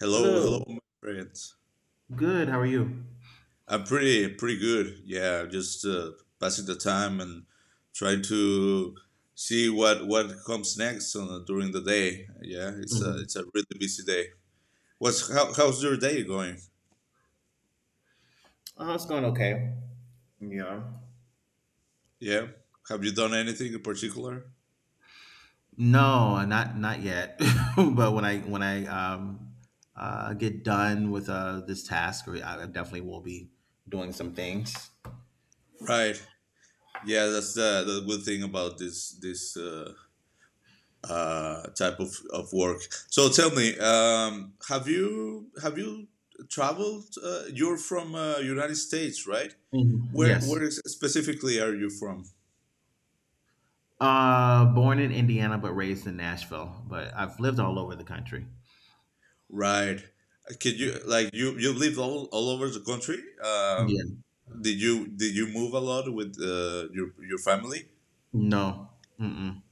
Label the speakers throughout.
Speaker 1: Hello,
Speaker 2: Hello.
Speaker 1: hello, my friends.
Speaker 2: Good. How are you?
Speaker 1: I'm pretty, pretty good. Yeah, just passing the time and trying to see what comes next during the day. Yeah, it's a
Speaker 2: Mhm.
Speaker 1: it's a really busy day. How's your day going?
Speaker 2: Oh, it's going okay. Yeah.
Speaker 1: Yeah, have you done anything in particular?
Speaker 2: No, not yet. But when I get done with this task, or I definitely will be doing some things.
Speaker 1: Right. Yeah, that's the good thing about this type of work. So tell me, have you traveled? You're from United States, right?
Speaker 2: Mhm.
Speaker 1: Where
Speaker 2: Yes.
Speaker 1: is, specifically are you from?
Speaker 2: Born in Indiana but raised in Nashville, but I've lived all over the country.
Speaker 1: Right. Could you like you lived all over the country?
Speaker 2: Yeah.
Speaker 1: Did you did you move a lot with your family?
Speaker 2: No. Mm-mm.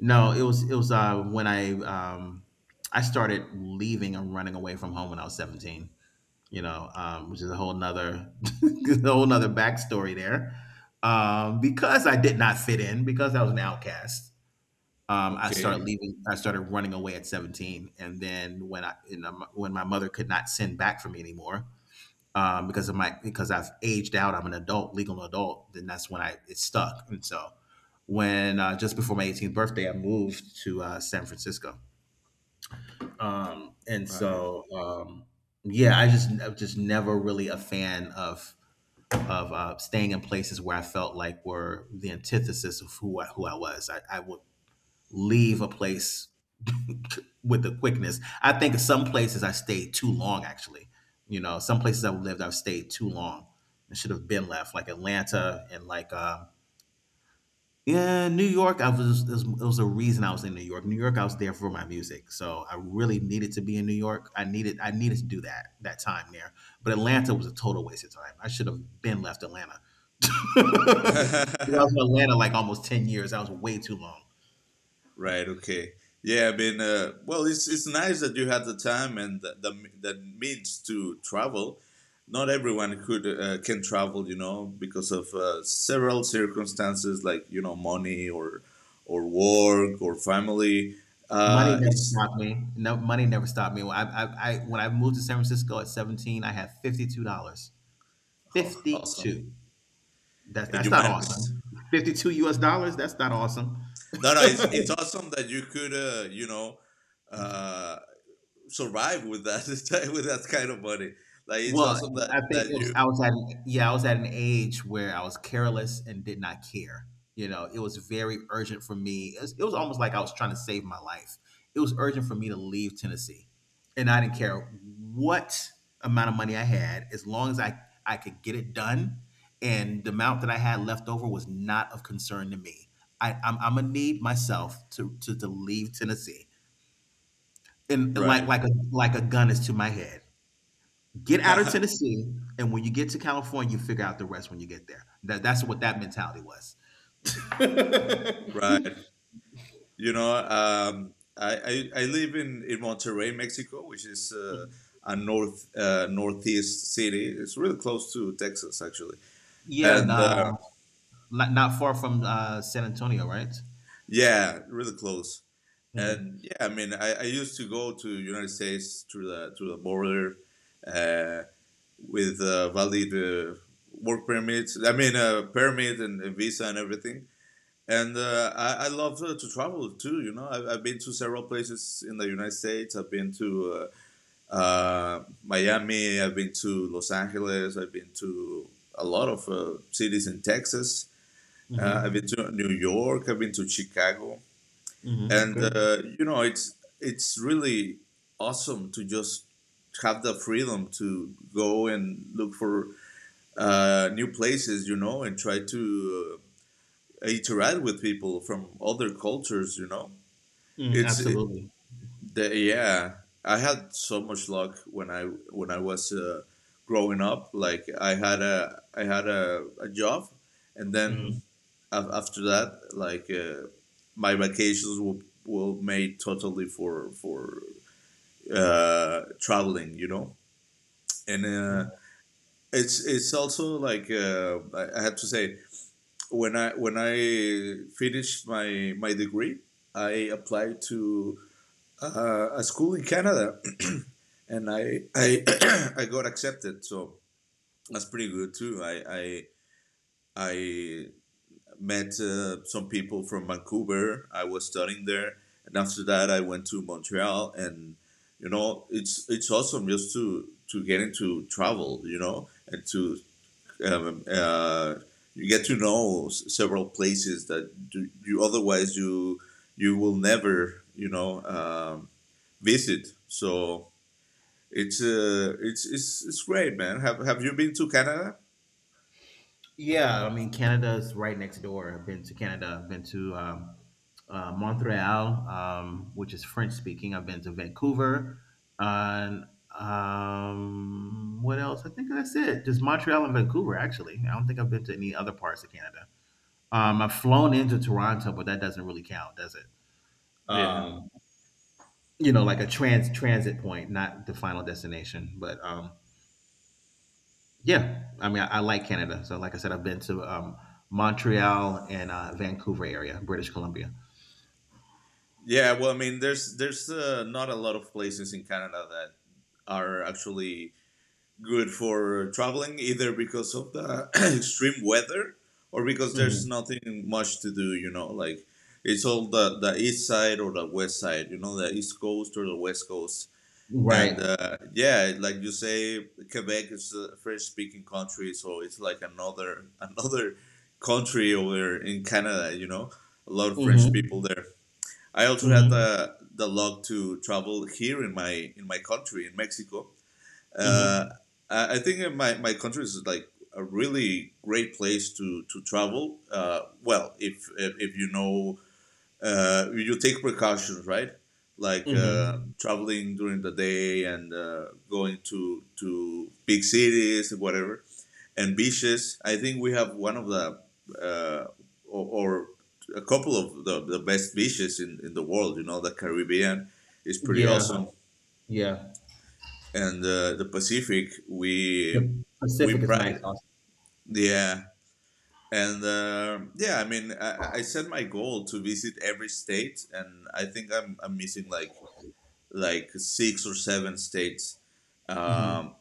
Speaker 2: No, it was when I started leaving and running away from home when I was 17. Which is a whole nother, a whole nother backstory there. Because I did not fit in, because I was an outcast, I started
Speaker 1: Okay,
Speaker 2: leaving. I started running away at 17, and then when when my mother could not send back for me anymore. Um, because of my because I've aged out, I'm an adult, legal adult. Then that's when I it stuck, and so when just before my 18th birthday, I moved to San Francisco, um, and
Speaker 1: right.
Speaker 2: so, um, yeah, I'm just never really a fan of staying in places where I felt like were the antithesis of who I was. I would leave a place with the quickness. I think some places I stayed too long. Actually, some places I've lived, I've stayed too long. I should have been left, like Atlanta and like yeah, New York. I was. It was a reason I was in New York. New York. I was there for my music, so I really needed to be in New York. I needed to do that time there. But Atlanta was a total waste of time. I should have been left Atlanta. I was in Atlanta like almost 10 years. That was way too long.
Speaker 1: Right. Okay. Yeah. I mean, well, it's nice that you had the time and the means to travel. Not everyone could can travel, you know, because of several circumstances like you know money or work or family.
Speaker 2: Money never
Speaker 1: It's
Speaker 2: stopped me. No, money never stopped me. When I moved to San Francisco at 17, I had $52.
Speaker 1: Oh,
Speaker 2: Fifty
Speaker 1: awesome,
Speaker 2: two. That's
Speaker 1: and
Speaker 2: that's
Speaker 1: you
Speaker 2: not
Speaker 1: managed.
Speaker 2: awesome. 52 U.S. dollars. That's not awesome.
Speaker 1: No, no, it's awesome that you could, you know, uh, survive with that with that kind of money. Like it's
Speaker 2: Well,
Speaker 1: awesome
Speaker 2: I
Speaker 1: that
Speaker 2: think
Speaker 1: that
Speaker 2: it was
Speaker 1: you
Speaker 2: I was at an yeah, I was at an age where I was careless and did not care. You know, it was very urgent for me. It was almost like I was trying to save my life. It was urgent for me to leave Tennessee, and I didn't care what amount of money I had, as long as I could get it done. And the amount that I had left over was not of concern to me. I'm gonna need myself to, to leave Tennessee, and like
Speaker 1: right.
Speaker 2: like a like a gun is to my head. Get out of Tennessee, and when you get to California, you figure out the rest when you get there. That's what that mentality was.
Speaker 1: Right. You know, I live in Monterrey, Mexico, which is a north northeast city. It's really close to Texas, actually.
Speaker 2: Yeah,
Speaker 1: And
Speaker 2: nah, not far from San Antonio, right?
Speaker 1: yeah, really close. And yeah,
Speaker 2: Mm-hmm.
Speaker 1: I mean, I used to go to United States through the border uh, with valid work permits. I mean, permit and visa and everything. And I love to travel too. You know, I've been to several places in the United States. I've been to Miami. I've been to Los Angeles. I've been to a lot of cities in Texas. I've been
Speaker 2: Mm-hmm.
Speaker 1: to New York. I've been to Chicago. And
Speaker 2: Okay.
Speaker 1: you know, it's really awesome to just have the freedom to go and look for new places. You know, and try to interact with people from other cultures. You know,
Speaker 2: Mm,
Speaker 1: it's it,
Speaker 2: absolutely.
Speaker 1: yeah. I had so much luck when I was growing up. Like I had a a job, and
Speaker 2: Mm-hmm.
Speaker 1: then after that, like my vacations were made totally for traveling. You know, and it's also like I have to say when I finished my degree, I applied to a school in Canada, and I I got accepted. So that's pretty good too. I met some people from Vancouver. I was studying there, and after that, I went to Montreal. And you know, it's awesome just to get into travel, you know, and to um, uh, you get to know several places that do, you otherwise you you will never you know visit. So it's it's great, man. Have you been to Canada?
Speaker 2: Yeah, I mean Canada's right next door. I've been to Canada. I've been to Montreal, which is French speaking. I've been to Vancouver, and what else? I think that's it. Just Montreal and Vancouver. Actually, I don't think I've been to any other parts of Canada. I've flown into Toronto, but that doesn't really count, does it?
Speaker 1: Yeah.
Speaker 2: Um, like a transit point, not the final destination. But yeah, I mean, I like Canada. So, like I said, I've been to Montreal and Vancouver area, British Columbia.
Speaker 1: Yeah, well, I mean, there's not a lot of places in Canada that are actually good for traveling, either because of the extreme weather or because there's
Speaker 2: Hmm.
Speaker 1: nothing much to do. You know, like it's all the east side or the west side. You know, the east coast or the west coast. And
Speaker 2: Right.
Speaker 1: yeah, like you say, Quebec is a French-speaking country, so it's like another another country over in Canada. You know, a lot of French people
Speaker 2: Hmm.
Speaker 1: there. I also had
Speaker 2: Hmm.
Speaker 1: the luck to travel here in my country in Mexico, uh,
Speaker 2: Hmm.
Speaker 1: I think my country is like a really great place to travel. Well, if you know, you take precautions, right? Like
Speaker 2: Hmm.
Speaker 1: traveling during the day and going to big cities and whatever and beaches. I think we have one of the uh, or a couple of the best beaches in the world. You know, the Caribbean is pretty
Speaker 2: Yeah.
Speaker 1: awesome,
Speaker 2: Yeah.
Speaker 1: and the Pacific we
Speaker 2: The
Speaker 1: we
Speaker 2: Pacific is nice,
Speaker 1: pride,
Speaker 2: also.
Speaker 1: yeah, and yeah. I mean, I set my goal to visit every state, and I think I'm missing like six or seven states,
Speaker 2: Hmm.
Speaker 1: um,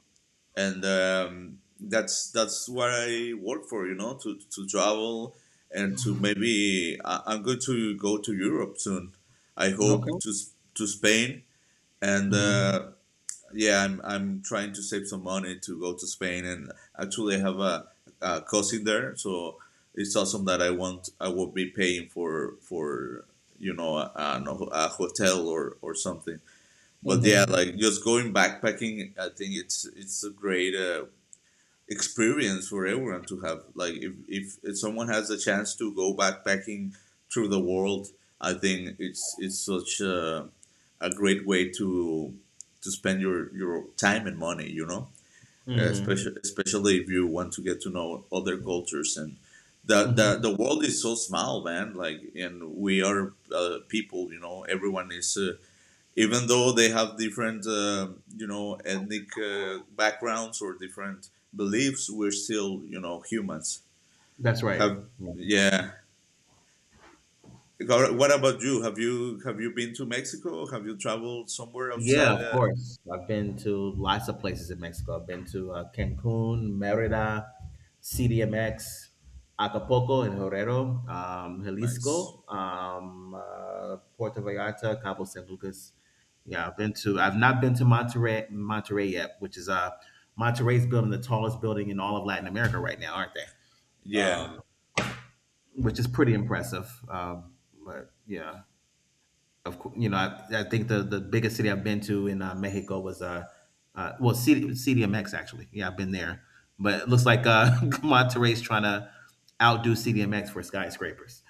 Speaker 1: and that's what I work for, you know, to travel and to maybe I'm going to go to Europe soon. I hope
Speaker 2: Okay.
Speaker 1: to to Spain and
Speaker 2: Hmm.
Speaker 1: yeah, I'm trying to save some money to go to Spain, and actually I have a cousin there, so it's awesome that I will be paying for you know a a hotel or something. But yeah,
Speaker 2: Hmm.
Speaker 1: like just going backpacking, I think it's a great experience for everyone to have. Like if someone has a chance to go backpacking through the world, I think it's such a great way to spend your time and money, you know?
Speaker 2: Hmm.
Speaker 1: Especially if you want to get to know other cultures and
Speaker 2: Hmm.
Speaker 1: the world is so small man like and we are people you know everyone is even though they have different you know ethnic backgrounds or different beliefs we're still you know humans
Speaker 2: That's right.
Speaker 1: have yeah what about you, have you have you been to Mexico, have you traveled somewhere
Speaker 2: Yeah,
Speaker 1: outside
Speaker 2: of course. I've been to lots of places in Mexico. I've been to Cancun, Merida, CDMX, Acapulco, and Guerrero,
Speaker 1: nice
Speaker 2: Jalisco, Puerto Vallarta, Cabo San Lucas. Yeah, I've not been to Monterrey yet. Which is Monterrey's building the tallest building in all of Latin America right now, aren't they?
Speaker 1: yeah
Speaker 2: Um, which is pretty impressive. But yeah, of course, I think the biggest city I've been to in Mexico was, CDMX actually. Yeah, I've been there, but it looks like Monterrey's trying to outdo CDMX for skyscrapers.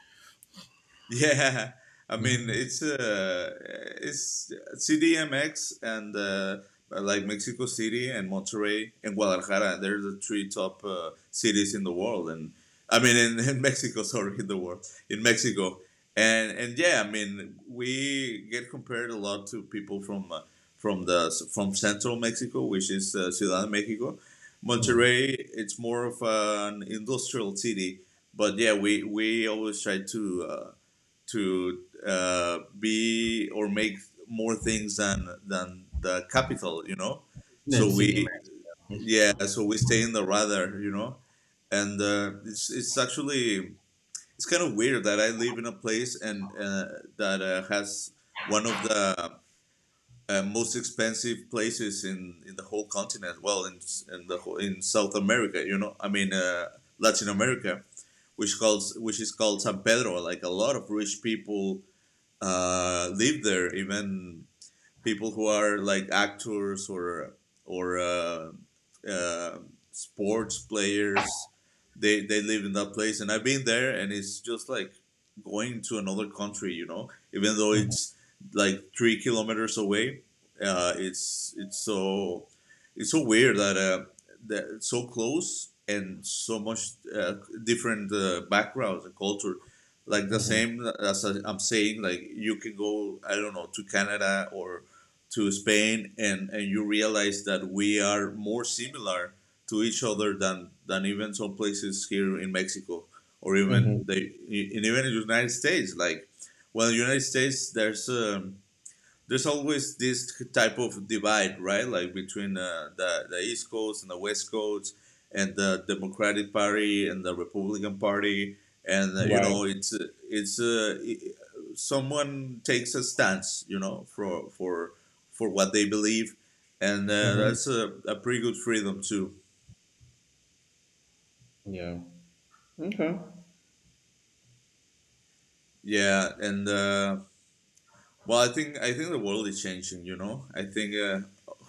Speaker 1: Yeah, I mean
Speaker 2: Mm-hmm.
Speaker 1: it's CDMX and like Mexico City and Monterrey and Guadalajara. They're the three top cities in the world, and I mean in Mexico, sorry, in the world, in Mexico, and yeah, I mean we get compared a lot to people from the from central Mexico, which is Ciudad de Mexico.
Speaker 2: mm
Speaker 1: Monterrey, it's more of an industrial city, but yeah, we always try to. To be or make more things than the capital, you know.
Speaker 2: Then
Speaker 1: So we,
Speaker 2: CDMX.
Speaker 1: yeah, so we stay in the radar, you know, and it's actually it's kind of weird that I live in a place and that has one of the most expensive places in the whole continent. Well, in the whole, in South America, you know, I mean Latin America, which calls which is called San Pedro. Like a lot of rich people live there, even people who are like actors or uh, sports players. They live in that place, and I've been there, and it's just like going to another country. You know, even though
Speaker 2: Mhm,
Speaker 1: it's like 3 kilometers away, uh, it's it's so it's so weird that that it's so close and so much different backgrounds and culture. Like the
Speaker 2: mhm,
Speaker 1: same as I'm saying, like you can go, I don't know, to Canada or to Spain, and you realize that we are more similar to each other than even some places here in Mexico or even
Speaker 2: mhm,
Speaker 1: the in even the United States. Like, well, in the United States, there's always this type of divide, right? Like between the East Coast and the West Coast, and the Democratic Party and the Republican Party, and you know, it's uh, it- someone takes a stance, you know, for what they believe, and
Speaker 2: mhm.
Speaker 1: that's a pretty good freedom too.
Speaker 2: Yeah. Okay.
Speaker 1: Yeah, and well, I think the world is changing. You know, I think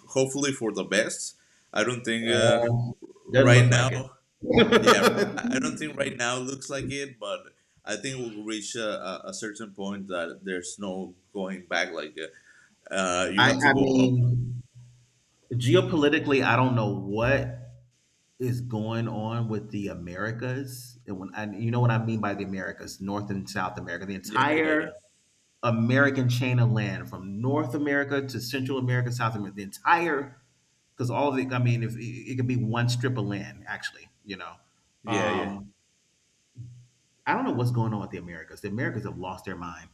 Speaker 1: hopefully for the best. I don't think
Speaker 2: Um, doesn't
Speaker 1: right
Speaker 2: look
Speaker 1: now
Speaker 2: like it.
Speaker 1: yeah, I don't think right now looks like it, but I think we'll reach a a certain point that there's no going back. Like, you
Speaker 2: I,
Speaker 1: have to
Speaker 2: I
Speaker 1: go up.
Speaker 2: mean, geopolitically, I don't know what is going on with the Americas, and when and you know what I mean by the Americas, North and South America, the
Speaker 1: Yeah, yeah,
Speaker 2: entire
Speaker 1: yeah,
Speaker 2: American chain of land from North America to Central America, South America, the entire because all of it. I mean, if it could be one strip of land, actually, you know.
Speaker 1: yeah, yeah,
Speaker 2: Um, I don't know what's going on with the Americas. The Americas have lost their mind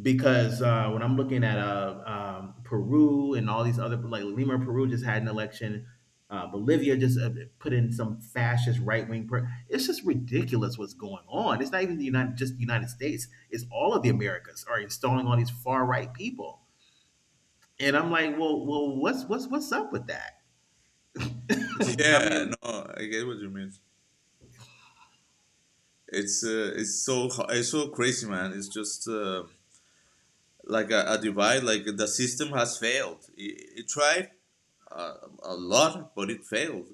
Speaker 2: because when I'm looking at Peru and all these other like Lima, Peru just had an election. Bolivia just put in some fascist right wing. It's just ridiculous what's going on. It's not even just the United States. It's all of the Americas are installing all these far right people. And I'm like, well, what's up with that? I
Speaker 1: yeah.
Speaker 2: mean,
Speaker 1: No, I get what you mean. It's it's so crazy, man. It's just like a divide. Like the system has failed. It tried uh, a lot, but it failed.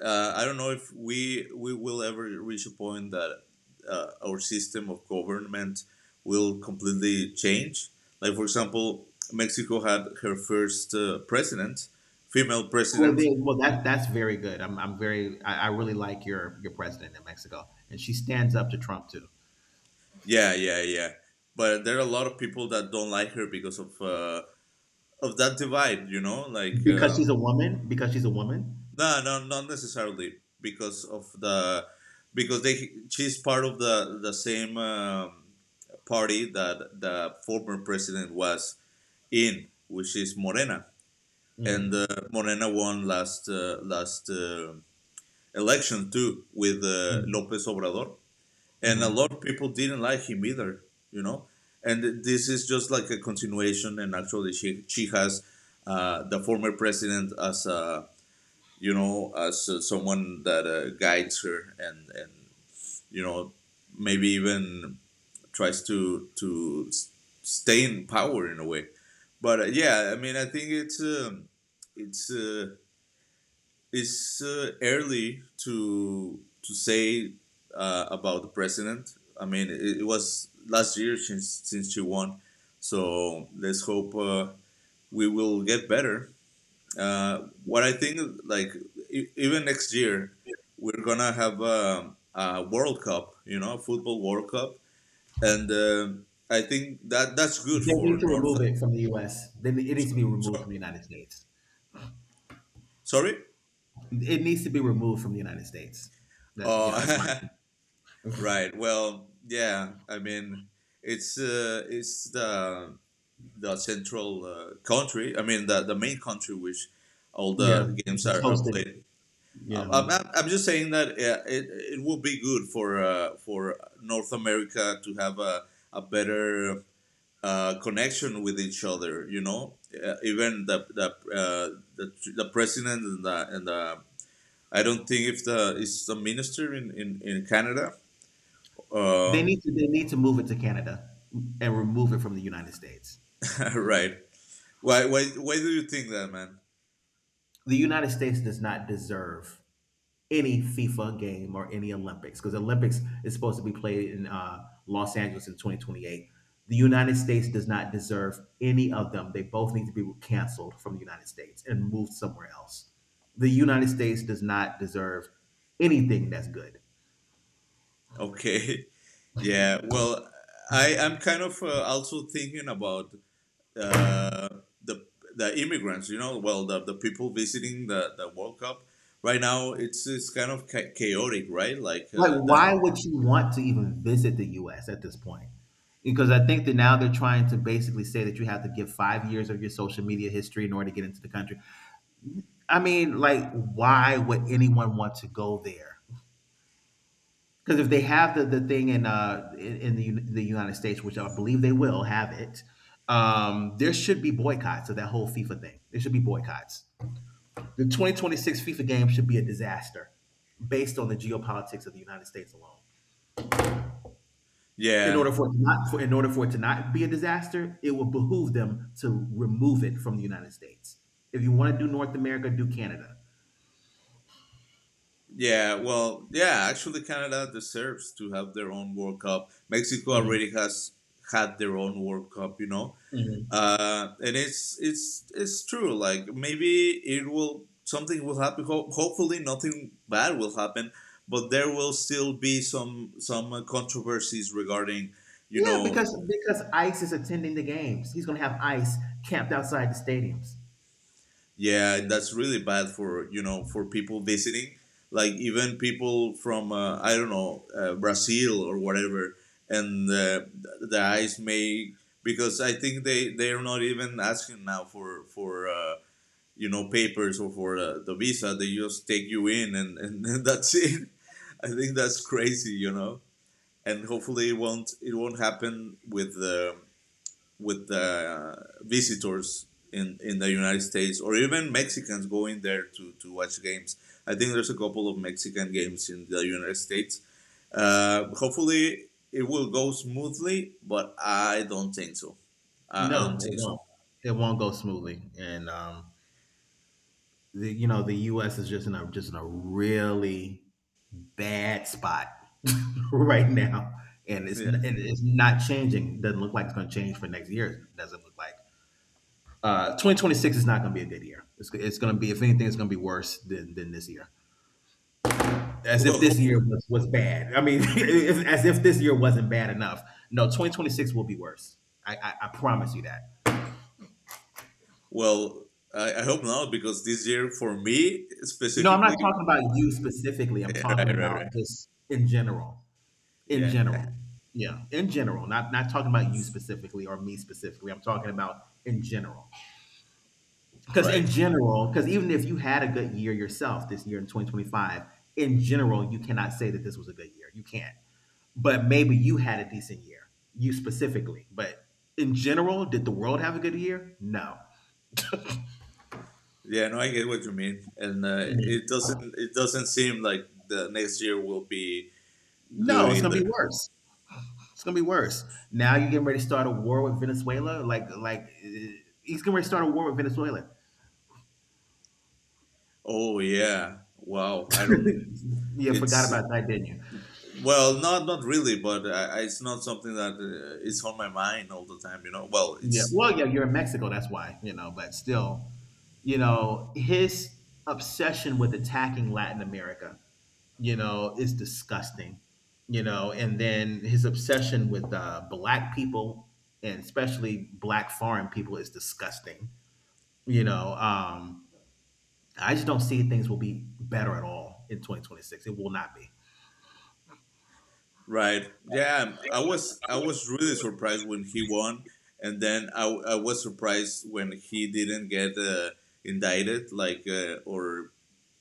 Speaker 1: I don't know if we will ever reach a point that our system of government will completely change. Like for example, Mexico had her first president, female
Speaker 2: well,
Speaker 1: president.
Speaker 2: they, well, that that's very good. I really like your president in Mexico, and she stands up to Trump too
Speaker 1: Yeah, yeah, yeah. But there are a lot of people that don't like her because of that divide. You know, like
Speaker 2: because she's a woman. Because she's a woman.
Speaker 1: no, no, not necessarily because of the because they she's part of the same party that the former president was in, which is Morena, and
Speaker 2: Mm.
Speaker 1: Morena won last last election too with
Speaker 2: Mm.
Speaker 1: López Obrador, and a lot
Speaker 2: Mhm.
Speaker 1: of people didn't like him either, you know. And this is just like a continuation, and actually she has the former president as a, as, so someone that guides her and you know maybe even tries to stay in power in a way. But yeah, I mean, I think it's uh, it's early to say about the president. I mean, it was last year since she won, so let's hope we will get better. What I think, like even next year, we're gonna have a World Cup, you know, football World Cup, and I think that's good
Speaker 2: They
Speaker 1: for
Speaker 2: need to
Speaker 1: North.
Speaker 2: remove it from the U.S. Then it
Speaker 1: So,
Speaker 2: needs to be removed from
Speaker 1: so
Speaker 2: the United States.
Speaker 1: Sorry.
Speaker 2: It needs to be removed from the United States. That's you know that's my
Speaker 1: Oh,
Speaker 2: opinion.
Speaker 1: right. Well, yeah. I mean, it's the central country. I mean, the main country which all
Speaker 2: Yeah.
Speaker 1: the games
Speaker 2: It's
Speaker 1: are
Speaker 2: hosting it.
Speaker 1: played.
Speaker 2: Yeah,
Speaker 1: I'm,
Speaker 2: mhm.
Speaker 1: I'm I'm just saying that it would be good for North America to have a better connection with each other. You know, even the president and the and the — I don't think if the is the minister in in Canada.
Speaker 2: they
Speaker 1: Uh,
Speaker 2: need to they need to move it to Canada and remove it from the United States.
Speaker 1: right. Why why do you think that, man?
Speaker 2: The United States does not deserve any FIFA game or any Olympics because the Olympics is supposed to be played in Los Angeles in 2028. The United States does not deserve any of them. They both need to be canceled from the United States and moved somewhere else. The United States does not deserve anything that's good.
Speaker 1: Okay. Yeah. Well, I'm kind of also thinking about uh, the the immigrants, you know, well, the people visiting the World Cup right now, it's kind of chaotic, right? Like
Speaker 2: Like, why
Speaker 1: the,
Speaker 2: would you want to even visit the U.S. at this point? Because I think that now they're trying to basically say that you have to give 5 years of your social media history in order to get into the country. I mean, like, why would anyone want to go there? Because if they have the thing in in the the United States, which I believe they will have it, there should be boycotts of that whole FIFA thing. There should be boycotts. The 2026 FIFA game should be a disaster, based on the geopolitics of the United States alone.
Speaker 1: yeah,
Speaker 2: In order for it to not be a disaster, it will behoove them to remove it from the United States. If you want to do North America, do Canada.
Speaker 1: yeah. Well, yeah. Actually, Canada deserves to have their own World Cup. Mexico
Speaker 2: Mhm,
Speaker 1: already has had their own World Cup, you know.
Speaker 2: mhm.
Speaker 1: And it's it's true. Like maybe it will, something will happen. Hopefully, nothing bad will happen, but there will still be some controversies regarding, you
Speaker 2: Yeah,
Speaker 1: know,
Speaker 2: because ICE is attending the games. He's going to have ICE camped outside the stadiums.
Speaker 1: yeah, that's really bad for for people visiting. Like even people from I don't know, Brazil or whatever, and the eyes may, because I think they are not even asking now for. You know, papers or for the visa, they just take you in, and that's it. I think that's crazy, you know, and hopefully it won't happen with the, with the visitors in the United States, or even Mexicans going there to watch games. I think there's a couple of Mexican games in the United States. Hopefully it will go smoothly, but I don't think so. I
Speaker 2: No,
Speaker 1: don't
Speaker 2: it
Speaker 1: think so.
Speaker 2: won't. It won't go smoothly, and the, you know the U.S. is just in a really bad spot right now, and
Speaker 1: Yeah,
Speaker 2: it's not changing. Doesn't look like it's going to change for next year. Doesn't look like. 2026 is not going to be a good year. It's going to be, if anything, it's going to be worse than this year. As
Speaker 1: well
Speaker 2: if this year
Speaker 1: hopefully.
Speaker 2: was bad. I mean, as if this year wasn't bad enough. No, 2026 will be worse. I promise you that.
Speaker 1: Well, I hope not, because this year for me
Speaker 2: No, I'm not
Speaker 1: specifically,
Speaker 2: talking about
Speaker 1: w-
Speaker 2: you specifically. I'm talking
Speaker 1: right, right,
Speaker 2: about
Speaker 1: right,
Speaker 2: just in general. In
Speaker 1: yeah,
Speaker 2: general. Yeah, in general. Not talking about you specifically or me specifically. I'm talking about in general. Because
Speaker 1: right,
Speaker 2: in general, because even if you had a good year yourself this year in 2025, in general, you cannot say that this was a good year. You can't. But maybe you had a decent year, you specifically. But in general, did the world have a good year? No.
Speaker 1: yeah. No, I get what you mean, and
Speaker 2: Mhm.
Speaker 1: it doesn't seem like the next year will be good
Speaker 2: No, it's going to
Speaker 1: either.
Speaker 2: be worse. It's gonna be worse. Now you're getting ready to start a war with Venezuela. He's gonna ready to start a war with Venezuela.
Speaker 1: Oh yeah, wow. I don't.
Speaker 2: Yeah, forgot
Speaker 1: It's,
Speaker 2: about that, didn't you?
Speaker 1: well, not really, but it's not something that is on my mind all the time. You know, well,
Speaker 2: Yeah.
Speaker 1: it's —
Speaker 2: Well, yeah, you're in Mexico. That's why you know. But still, his obsession with attacking Latin America is disgusting. And then his obsession with black people and especially black foreign people is disgusting. You know, um, I just don't see things will be better at all in 2026. It will not be.
Speaker 1: right. Yeah, I was really surprised when he won, and then I was surprised when he didn't get indicted, like, or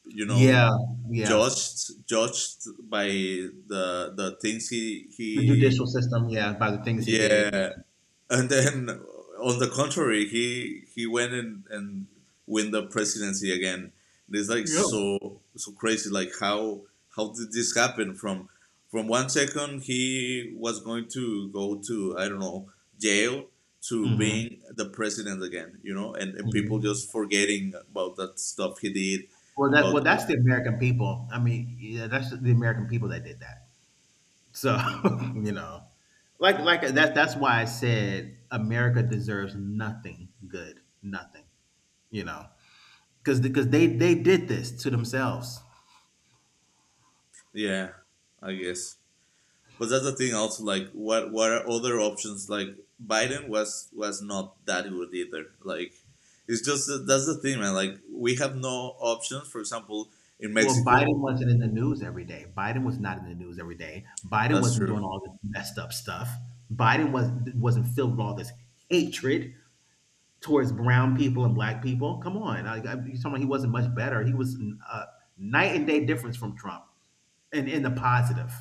Speaker 1: you know,
Speaker 2: Yeah, yeah.
Speaker 1: judged by the things he
Speaker 2: The
Speaker 1: he
Speaker 2: judicial system, yeah, by the things he did,
Speaker 1: yeah, and then, on the contrary, he went and win the presidency again. It's like
Speaker 2: yeah. Yep.
Speaker 1: so, crazy. Like how did this happen? From one second he was going to go to, I don't know, jail, to
Speaker 2: hmm
Speaker 1: being the president again. You know, and people
Speaker 2: hmm
Speaker 1: just forgetting about that stuff he did,
Speaker 2: Well,
Speaker 1: about
Speaker 2: that's
Speaker 1: the —
Speaker 2: the American people. I mean, yeah, that's the American people that did that. So you know, like that. That's why I said America deserves nothing good, nothing. You know, because they did this to themselves.
Speaker 1: yeah. I guess. But that's the thing also, like what are other options, like Biden was not that good either. Like it's just — that's the thing, man, like we have no options, for example, in
Speaker 2: Well, Biden
Speaker 1: Mexico.
Speaker 2: wasn't in the news every day. Biden was not in the news every day. Biden
Speaker 1: That's
Speaker 2: wasn't
Speaker 1: true.
Speaker 2: doing all this messed up stuff. Biden wasn't filled with all this hatred towards brown people and black people. Come on, you're talking about. He wasn't much better. He was a night and day difference from Trump, and in the positive.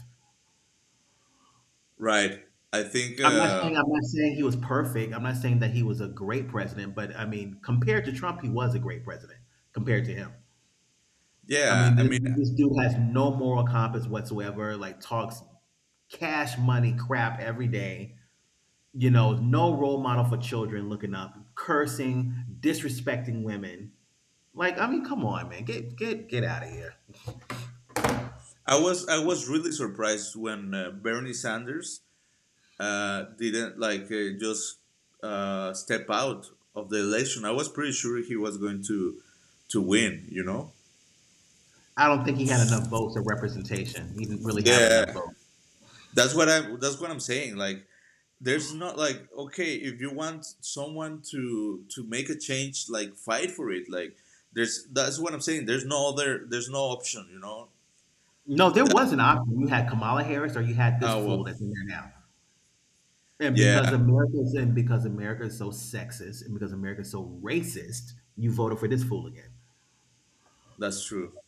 Speaker 1: Right. I think
Speaker 2: I'm not saying I'm not saying he was perfect. I'm not saying that he was a great president, but I mean, compared to Trump, he was a great president compared to him. I
Speaker 1: yeah,
Speaker 2: mean,
Speaker 1: I
Speaker 2: this,
Speaker 1: mean
Speaker 2: this dude has no moral compass whatsoever. Like talks cash money crap every day. No role model for children looking up, cursing, disrespecting women. Like, I mean, come on, man, get out of here.
Speaker 1: I was really surprised when Bernie Sanders didn't, like, just step out of the election. I was pretty sure he was going to win, you know.
Speaker 2: I don't think he had enough votes or representation. He didn't really have enough
Speaker 1: Yeah.
Speaker 2: votes.
Speaker 1: That's what I'm saying. Like, there's not, like, okay, if you want someone to make a change, like fight for it. Like, there's — that's what I'm saying. There's no other. There's no option. You know
Speaker 2: No, there was
Speaker 1: that.
Speaker 2: an option. You had Kamala Harris, or you had this
Speaker 1: Oh
Speaker 2: fool
Speaker 1: well,
Speaker 2: that's in there now. And because
Speaker 1: yeah,
Speaker 2: America's and because America is so sexist, and because America is so racist, you voted for this fool again.
Speaker 1: that's true.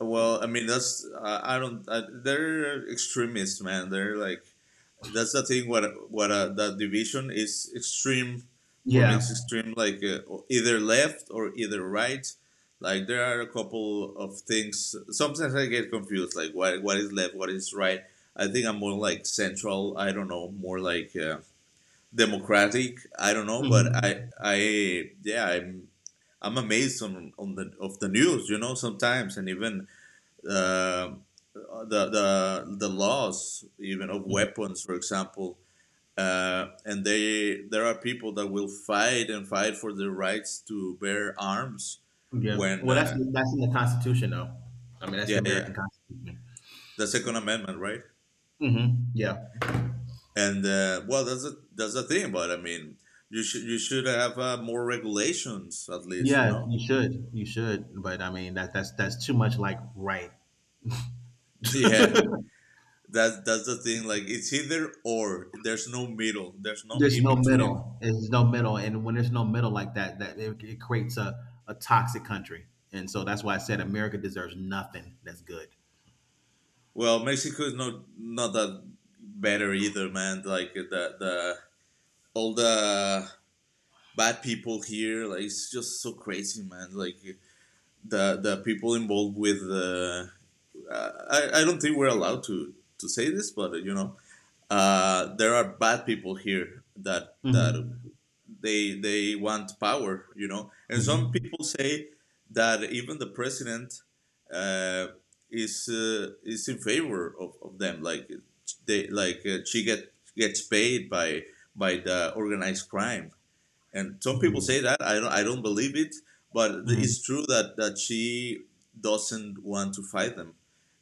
Speaker 1: Well, I mean, that's — I don't. I, they're extremists, man. They're like — that's the thing, what that division is extreme. For me it's
Speaker 2: Yeah.
Speaker 1: extreme, like, either left or either right. Like, there are a couple of things sometimes I get confused, like what is left, what is right. I think I'm more like central, I don't know, more like democratic, I don't know, but
Speaker 2: Mhm.
Speaker 1: I yeah, I'm amazed on the — of the news, you know, sometimes, and even uh, the laws, even of weapons, for example. And they — there are people that will fight and fight for their rights to bear arms.
Speaker 2: Yeah.
Speaker 1: When
Speaker 2: Well, that's that's in the Constitution, though. I mean, that's
Speaker 1: yeah,
Speaker 2: the
Speaker 1: yeah,
Speaker 2: American Constitution.
Speaker 1: the second amendment, right.
Speaker 2: Hmm. Yeah.
Speaker 1: And well, that's a that's the thing, but I mean, you should have more regulations at least, you
Speaker 2: Yeah.
Speaker 1: know.
Speaker 2: You should. You should. But I mean, that's too much. Like right.
Speaker 1: Yeah,
Speaker 2: There's
Speaker 1: that's the thing, like it's either or, there's no middle, there's no in
Speaker 2: no
Speaker 1: between.
Speaker 2: middle. There's no middle, and when there's no middle like that it creates a toxic country. And so that's why I said America deserves nothing that's good.
Speaker 1: Well, Mexico is not that better either, man, like the — all the bad people here. Like it's just so crazy, man. Like the people involved with the, I don't think we're allowed to say this, but you know, there are bad people here that
Speaker 2: Hmm.
Speaker 1: they want power, you know. And some
Speaker 2: Hmm.
Speaker 1: people say that even the president uh, is in favor of them, like they, like she gets paid by the organized crime, and some people say that, I don't believe it. But
Speaker 2: Hmm.
Speaker 1: it's true that that she doesn't want to fight them.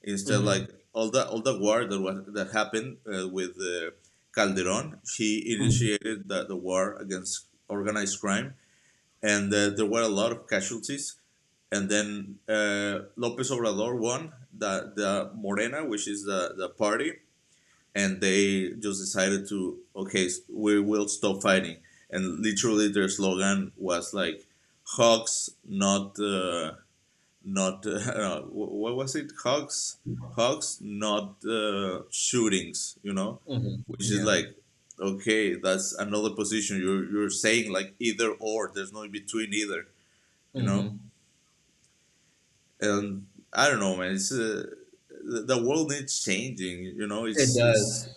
Speaker 1: Instead,
Speaker 2: Hmm.
Speaker 1: like all the war that was that happened, with calderon she
Speaker 2: Hmm.
Speaker 1: initiated the war against organized crime. And there were a lot of casualties, and then lopez obrador won the Morena, which is the party. And they just decided to, okay, we will stop fighting, and literally their slogan was like, "Hugs, not not what was it — Hugs, not shootings," you know.
Speaker 2: Hmm.
Speaker 1: Which is
Speaker 2: Yeah.
Speaker 1: like, okay, that's another position, you're saying, like either or, there's no in between either, you know.
Speaker 2: Hmm.
Speaker 1: And I don't know, man, it's the world needs changing, you know.
Speaker 2: It does.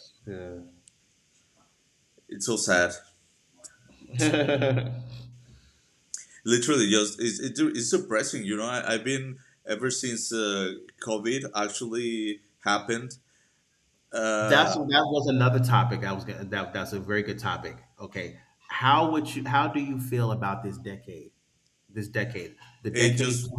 Speaker 1: It's so sad,
Speaker 2: Yeah.
Speaker 1: literally just — it's depressing, you know. I've been, ever since COVID actually happened,
Speaker 2: That's
Speaker 1: uh,
Speaker 2: that was another topic I was gonna that's a very good topic. Okay. How do you feel about this decade? This decade, the
Speaker 1: it
Speaker 2: decade
Speaker 1: just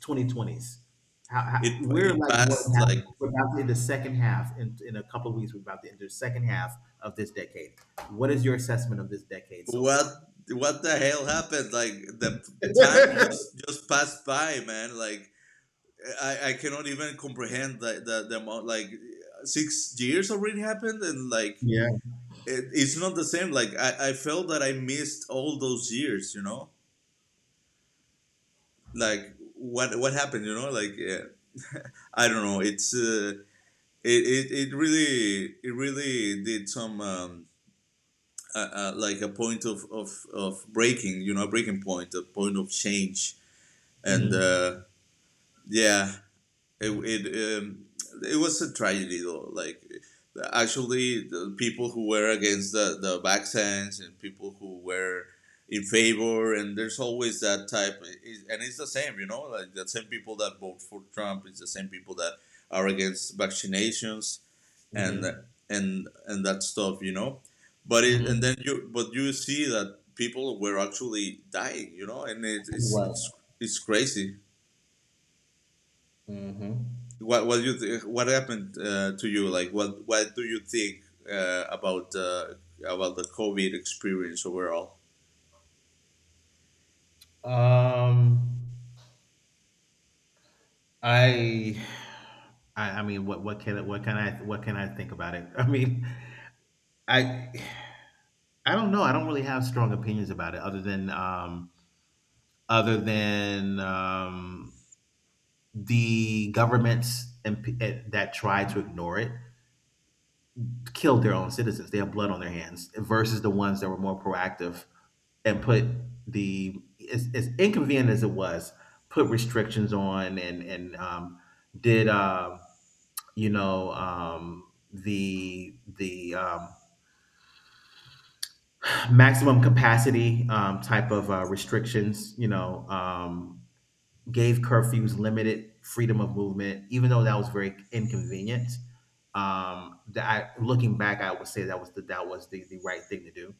Speaker 2: 2020s.
Speaker 1: it
Speaker 2: We're
Speaker 1: it
Speaker 2: like more than
Speaker 1: passed,
Speaker 2: half.
Speaker 1: like,
Speaker 2: We're about to hit the second half in a couple of weeks. We're about to enter the second half of this decade. What is your assessment of this decade so
Speaker 1: what
Speaker 2: far?
Speaker 1: what the hell happened? Like, the time just passed by, man. Like I cannot even comprehend the amount. Like 6 years already happened, and like
Speaker 2: Yeah.
Speaker 1: it's not the same. Like I felt that I missed all those years, you know, like what happened, you know, like, yeah. I don't know. It's it really did some like a point of breaking, you know, a breaking point, a point of change, and
Speaker 2: Mm-hmm.
Speaker 1: yeah, it it, um, it was a tragedy though. Like actually, the people who were against the vaccines and people who were in favor, and there's always that type. And it's the same, you know, like the same people that vote for Trump, it's the same people that are against vaccinations, and
Speaker 2: Mm-hmm.
Speaker 1: that stuff, you know. But it — and
Speaker 2: Mm-hmm.
Speaker 1: then, you — but you see that people were actually dying, you know, and it,
Speaker 2: Right.
Speaker 1: it's crazy.
Speaker 2: Mm-hmm.
Speaker 1: What happened, to you? Like what do you think, uh, about uh, about the COVID experience overall?
Speaker 2: Um I, I mean, what can I think about it? I mean, I I don't know. I don't really have strong opinions about it, other than other than um, the governments that try to ignore it killed their own citizens. They have blood on their hands versus the ones that were more proactive and put the as inconvenient as it was, put restrictions on and did. The maximum capacity type of restrictions gave curfews, limited freedom of movement even though that was very inconvenient, looking back, I would say that was the right thing to do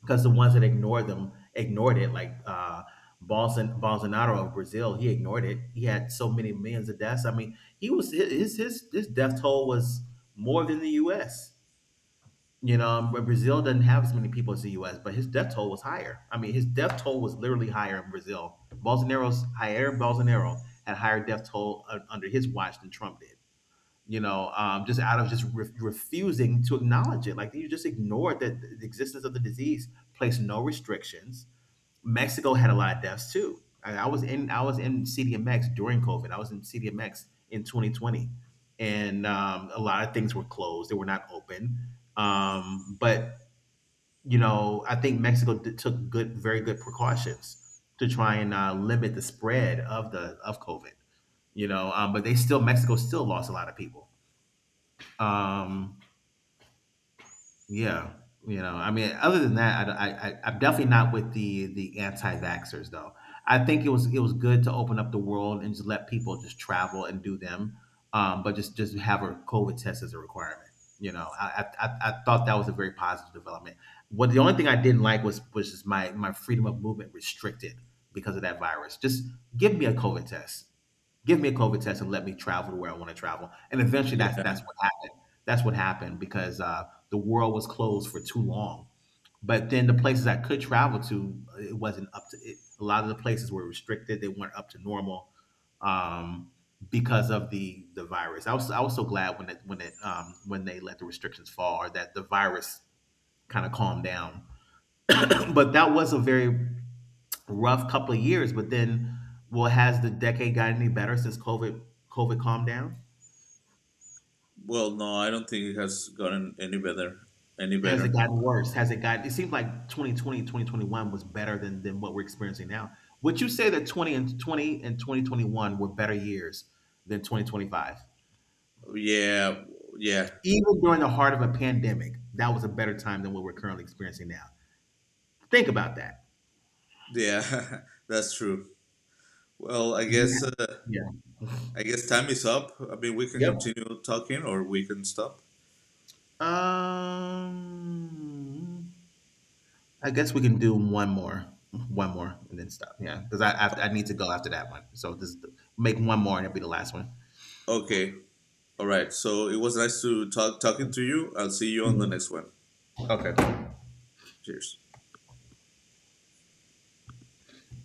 Speaker 2: because the ones that ignored them ignored it like Bolsonaro of Brazil. He ignored it. He had so many millions of deaths. I mean, he was his death toll was more than the U.S. But Brazil doesn't have as many people as the U.S., but his death toll was higher. I mean, his death toll was literally higher in Brazil. Bolsonaro's Jair Bolsonaro had higher death toll under his watch than Trump did. Just out of just refusing to acknowledge it, like you just ignored that the existence of the disease, placed no restrictions. Mexico had a lot of deaths too. I was in CDMX during COVID. I was in CDMX in 2020, and a lot of things were closed. They were not open. But I think Mexico took good, very good precautions to try and limit the spread of the of COVID. But they still Mexico still lost a lot of people. Um, Yeah, I mean, other than that, I'm definitely not with the anti-vaxxers though. I think it was good to open up the world and just let people just travel and do them, but just have a COVID test as a requirement. I thought that was a very positive development. What The only thing I didn't like was just my freedom of movement restricted because of that virus. Just give me a COVID test, give me a COVID test, and let me travel to where I want to travel. And eventually, that's
Speaker 1: Yeah.
Speaker 2: that's what happened. That's what happened because the world was closed for too long. But then the places I could travel to, it wasn't up to it. A lot of the places were restricted; they weren't up to normal um, because of the virus. I was so glad when it when it when they let the restrictions fall, or that the virus kind of calmed down. But that was a very rough couple of years. But then, well, has the decade got any better since COVID calmed down?
Speaker 1: Well, no, I don't think it has gotten any better. any
Speaker 2: Has it
Speaker 1: better
Speaker 2: gotten worse? Has it gotten It seems like 2020 2021 was better than what we're experiencing now. Would you say that 20 and 20 and 2021 were better years than 2025?
Speaker 1: yeah. Yeah,
Speaker 2: Even during the heart of a pandemic, that was a better time than what we're currently experiencing now. Think about that.
Speaker 1: yeah. That's true. well i
Speaker 2: You
Speaker 1: guess
Speaker 2: have,
Speaker 1: Uh,
Speaker 2: yeah.
Speaker 1: I guess time is up. I mean, we can
Speaker 2: Yep.
Speaker 1: continue talking, or we can stop.
Speaker 2: Um, I guess we can do one more, and then stop. Yeah, because I need to go after that one. So just make one more, and it'll be the last one.
Speaker 1: Okay. All right. So it was nice to talking to you. I'll see you on the
Speaker 2: Mhm.
Speaker 1: next one.
Speaker 2: Okay.
Speaker 1: Cheers.